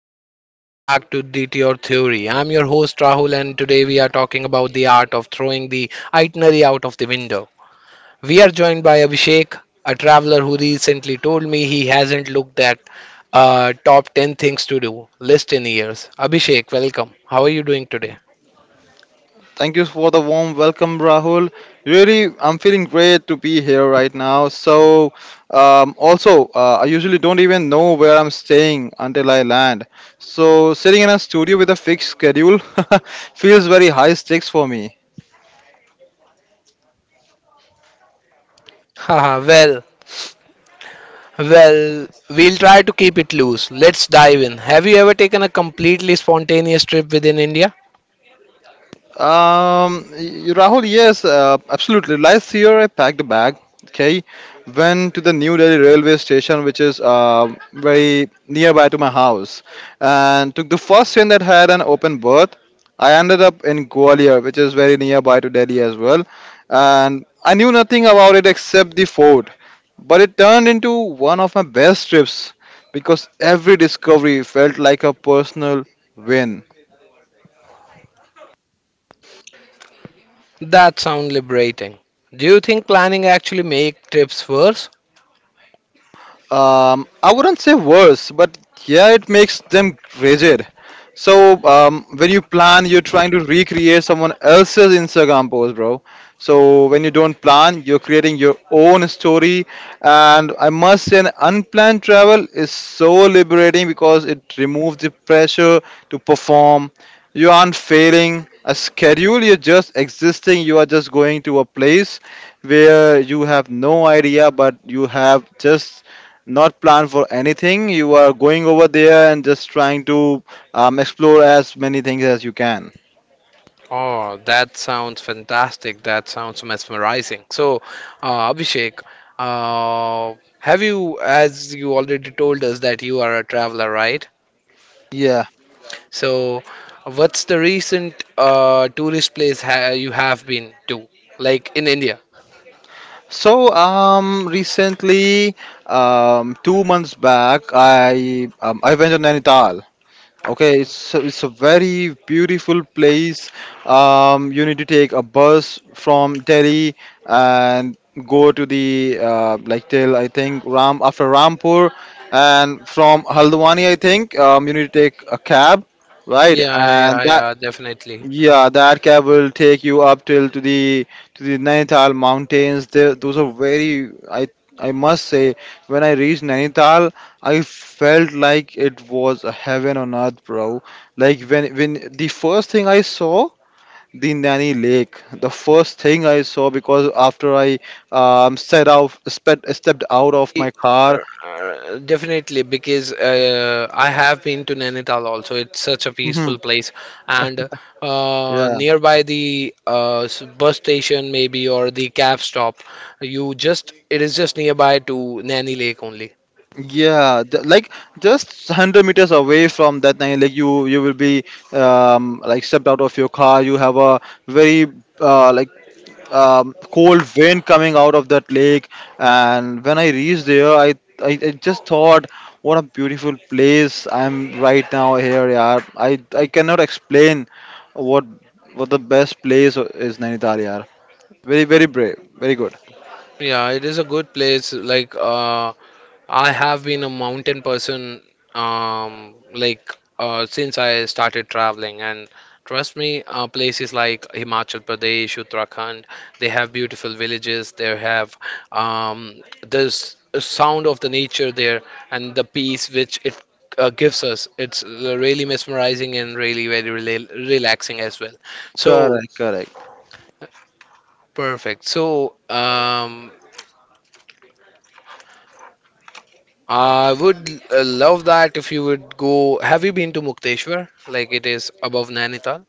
everyone. Welcome back to D T Or Theory. I'm your host Rahul, and today we are talking about the art of throwing the itinerary out of the window. We are joined by Abhishek, a traveler who recently told me he hasn't looked at top 10 things to do list in years. Abhishek, welcome. How are you doing today? Thank you for the warm welcome, Rahul. Really, I'm feeling great to be here right now. So I usually don't even know where I'm staying until I land. So, sitting in a studio with a fixed schedule feels very high stakes for me. Haha, well, we'll try to keep it loose. Let's dive in. Have you ever taken a completely spontaneous trip within India? Rahul, yes, absolutely. Last year I packed a bag. Okay, went to the New Delhi railway station, which is very nearby to my house, and took the first train that had an open berth. I ended up in Gwalior, which is very nearby to Delhi as well, and I knew nothing about it except the fort, but it turned into one of my best trips because every discovery felt like a personal win. That sounds liberating. Do you think planning actually make trips worse? I wouldn't say worse, but yeah, it makes them rigid. So when you plan, you're trying to recreate someone else's Instagram post, bro. So when you don't plan, you're creating your own story. And I must say, an unplanned travel is so liberating because it removes the pressure to perform. You aren't failing a schedule, you're just existing. You are just going to a place where you have no idea, but you have just not plan for anything. You are going over there and just trying to explore as many things as you can. Oh, that sounds fantastic. That sounds mesmerizing. So, Abhishek, have you, as you already told us, that you are a traveler, right? Yeah. So, what's the recent tourist place ha you have been to, like in India? So recently, 2 months back, I went to Nainital. Okay, it's a very beautiful place. You need to take a bus from Delhi and go to the like till I think Ram after Rampur, and from Haldwani I think you need to take a cab, right? Yeah, And yeah, that yeah, definitely. yeah, that cab will take you up till to the Nainital mountains. There, those are very. I must say, when I reached Nainital, I felt like it was a heaven on earth, bro. Like when the first thing I saw, the Nani Lake. The first thing I saw because after I set out, stepped out of my Uh, car. Definitely, because I have been to Nainital also. It's such a peaceful place, and Yeah. nearby the bus station maybe or the cab stop, you just it is just nearby to Naini Lake only. Yeah, like just 100 meters away from that line, like you will be like stepped out of your car. You have a very like cold wind coming out of that lake, and when I reached there, I just thought, what a beautiful place I'm right now here. Yeah, I cannot explain what what the best place is Nainital. Yeah, very very brave, very good. Yeah, it is a good place. Like I have been a mountain person like since I started traveling, and trust me, places like Himachal Pradesh, Uttarakhand, they have beautiful villages. They have this sound of the nature there, and the peace which it gives us. It's really mesmerizing and really very relaxing as well. So Correct, correct. perfect. So I would love that if you would go. Have you been to Mukteshwar? Like it is above Nainital?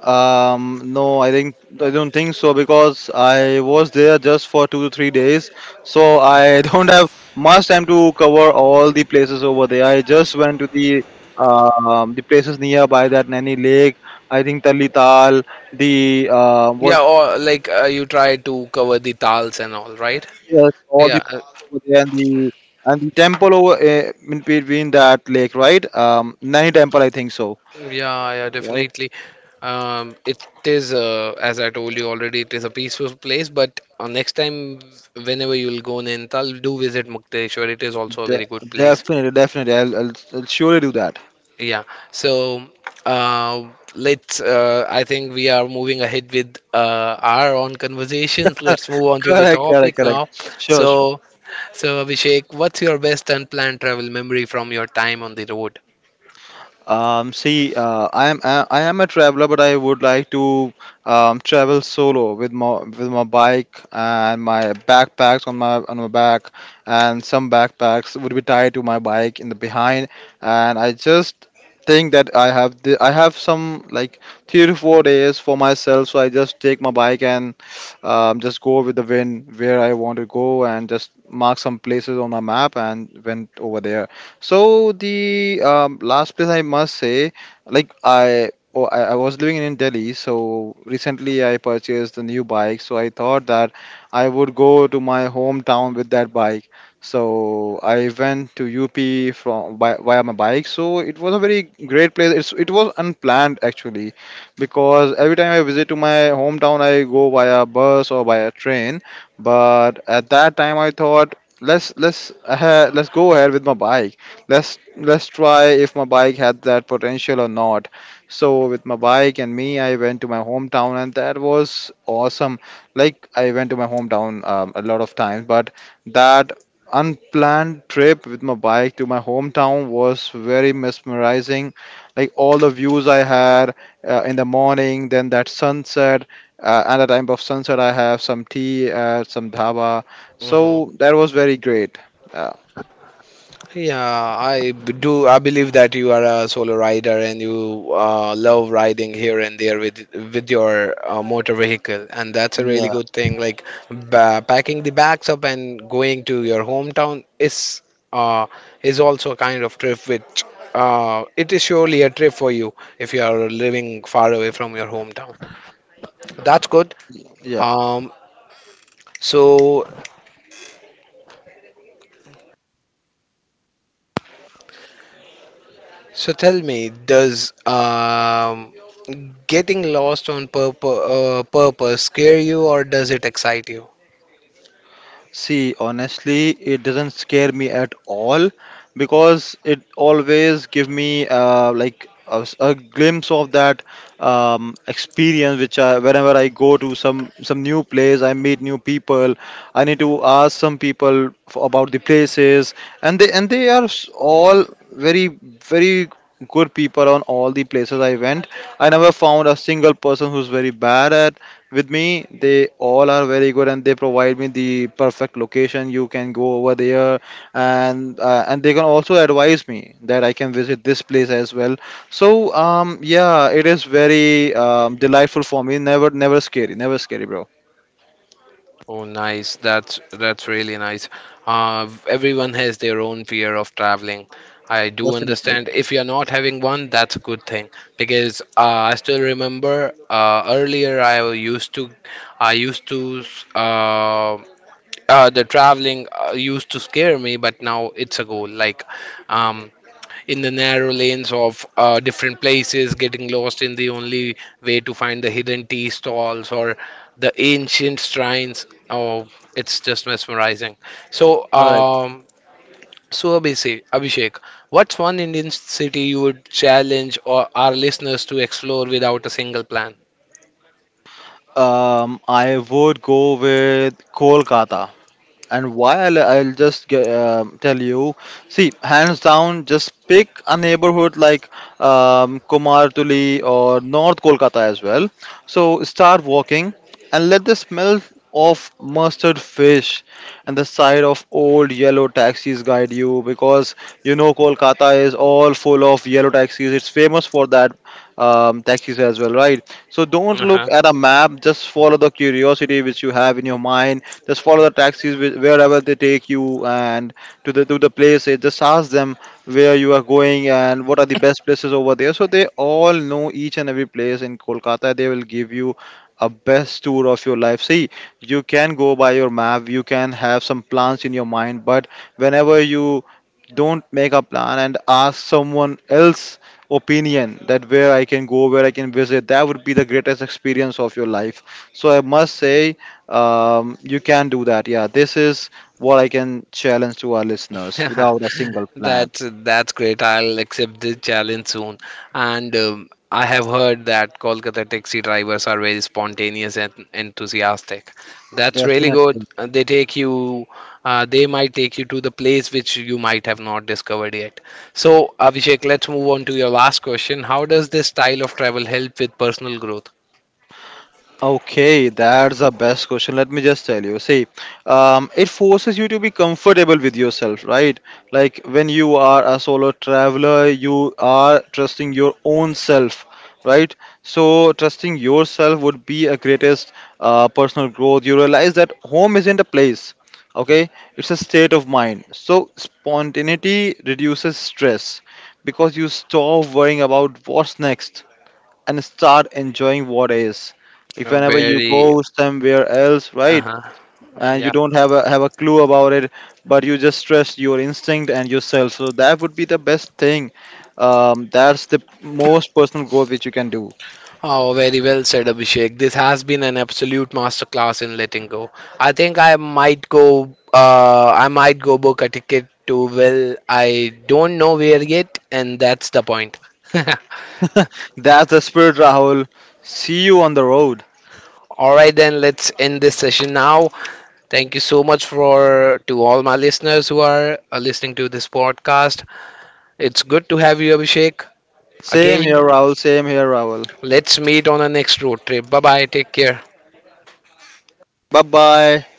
No, I think I don't think so because I was there just for 2 to 3 days, so I don't have much time to cover all the places over there. I just went to the places nearby that Nani Lake. I think Tali Tal, the what Yeah, or like you try to cover the tals and all, right? yes, all the Yeah. And the and the temple over in between that lake, right? Nani Temple, I think so. Yeah, yeah, Right? definitely. It is, as I told you already, it is a peaceful place. But next time, whenever you'll go Nainital, do visit Mukteshwar. It is also a De- very good place. definitely, I'll surely do that. Yeah. So uh, let's. I think we are moving ahead with our own conversations. Let's move on to the Correct, correct, topic correct. now. Sure, sure. So, so Abhishek, what's your best unplanned travel memory from your time on the road? See, I am a traveler, but I would like to travel solo with my bike and my backpacks on my back, and some backpacks would be tied to my bike in the behind, and I just think that I have some like 3 to 4 days for myself, so I just take my bike and just go with the wind where I want to go and just mark some places on my map and went over there. So the last place I must say, like I, oh, I was living in Delhi, so recently I purchased a new bike. So I thought that I would go to my hometown with that bike. So I went to UP from by, via my bike. So it was a very great place. It's, it was unplanned actually, because every time I visit to my hometown, I go via bus or via train. But at that time, I thought let's go ahead with my bike. Let's try if my bike had that potential or not. So with my bike and me, I went to my hometown, and that was awesome. Like I went to my hometown a lot of times, but that unplanned trip with my bike to my hometown was very mesmerizing. Like all the views I had in the morning, then that sunset, at the time of sunset I have some tea at some dhaba. Hmm. So that was very great. uh, Yeah, I b- do. I believe that you are a solo rider and you love riding here and there with your motor vehicle, and that's a really good thing. Like ba packing the bags up and going to your hometown uh, is also a kind of trip which it is surely a trip for you if you are living far away from your hometown. That's good. Yeah. Um, so so tell me, does getting lost on purpose scare you or does it excite you? See, honestly, it doesn't scare me at all because it always give me like a glimpse of that experience. Whenever I go to some new place, I meet new people. I need to ask some people f about the places, and all very very good people on all the places I went. I never found a single person who's very bad at with me. They all are very good and they provide me the perfect location you can go over there, and they can also advise me that I can visit this place as well. So yeah, it is very delightful for me. Never never scary, never scary, bro. Oh, nice. That's really nice. Everyone has their own fear of traveling. I do Definitely. understand. If you're not having one, that's a good thing because I still remember earlier I used to uh, the traveling used to scare me, but now it's a goal. Like um, in the narrow lanes of different places, getting lost in the only way to find the hidden tea stalls or the ancient shrines. Oh, it's just mesmerizing. So, All right. so Abhishek, what's one Indian city you would challenge or our listeners to explore without a single plan? I would go with Kolkata. And why? I'll just tell you. See, hands down, just pick a neighborhood like Kumartuli or North Kolkata as well. So start walking, and let the smell of mustard fish and the sight of old yellow taxis guide you, because you know Kolkata is all full of yellow taxis. It's famous for that, taxis as well, right? So don't look Uh-huh. at a map, just follow the curiosity which you have in your mind. Just follow the taxis wherever they take you and to the places. Just ask them where you are going and what are the best places over there. So they all know each and every place in Kolkata. They will give you a best tour of your life. See, you can go by your map. You can have some plans in your mind, but whenever you don't make a plan and ask someone else opinion that where I can go, where I can visit, that would be the greatest experience of your life. So I must say, you can do that. Yeah, this is what I can challenge to our listeners without a single plan. That's that's great. I'll accept this challenge soon. And I have heard that Kolkata taxi drivers are very spontaneous and enthusiastic. That's really Definitely. good. They take you, they might take you to the place which you might have not discovered yet. So, Abhishek, let's move on to your last question. How does this style of travel help with personal growth? Okay, that's the best question. Let me just tell you. See, it forces you to be comfortable with yourself, right? Like when you are a solo traveler, you are trusting your own self, right? So, trusting yourself would be a greatest personal growth. You realize that home isn't a place, okay? It's a state of mind. So, spontaneity reduces stress because you stop worrying about what's next and start enjoying what is. If whenever you Very, go somewhere else, right, uh-huh. And you yeah. don't have a clue about it, but you just trust your instinct and yourself, so that would be the best thing. That's the most personal growth which you can do. Oh, very well said, Abhishek. This has been an absolute masterclass in letting go. I think I might go. I might go book a ticket to Will. I don't know where yet, and that's the point. That's the spirit, Rahul. See you on the road. All right, then let's end this session now. Thank you so much for to all my listeners who are listening to this podcast. It's good to have you, Abhishek. Same here, Again, Rahul. Same here, Rahul. let's meet on our next road trip. Bye bye. Take care. Bye bye.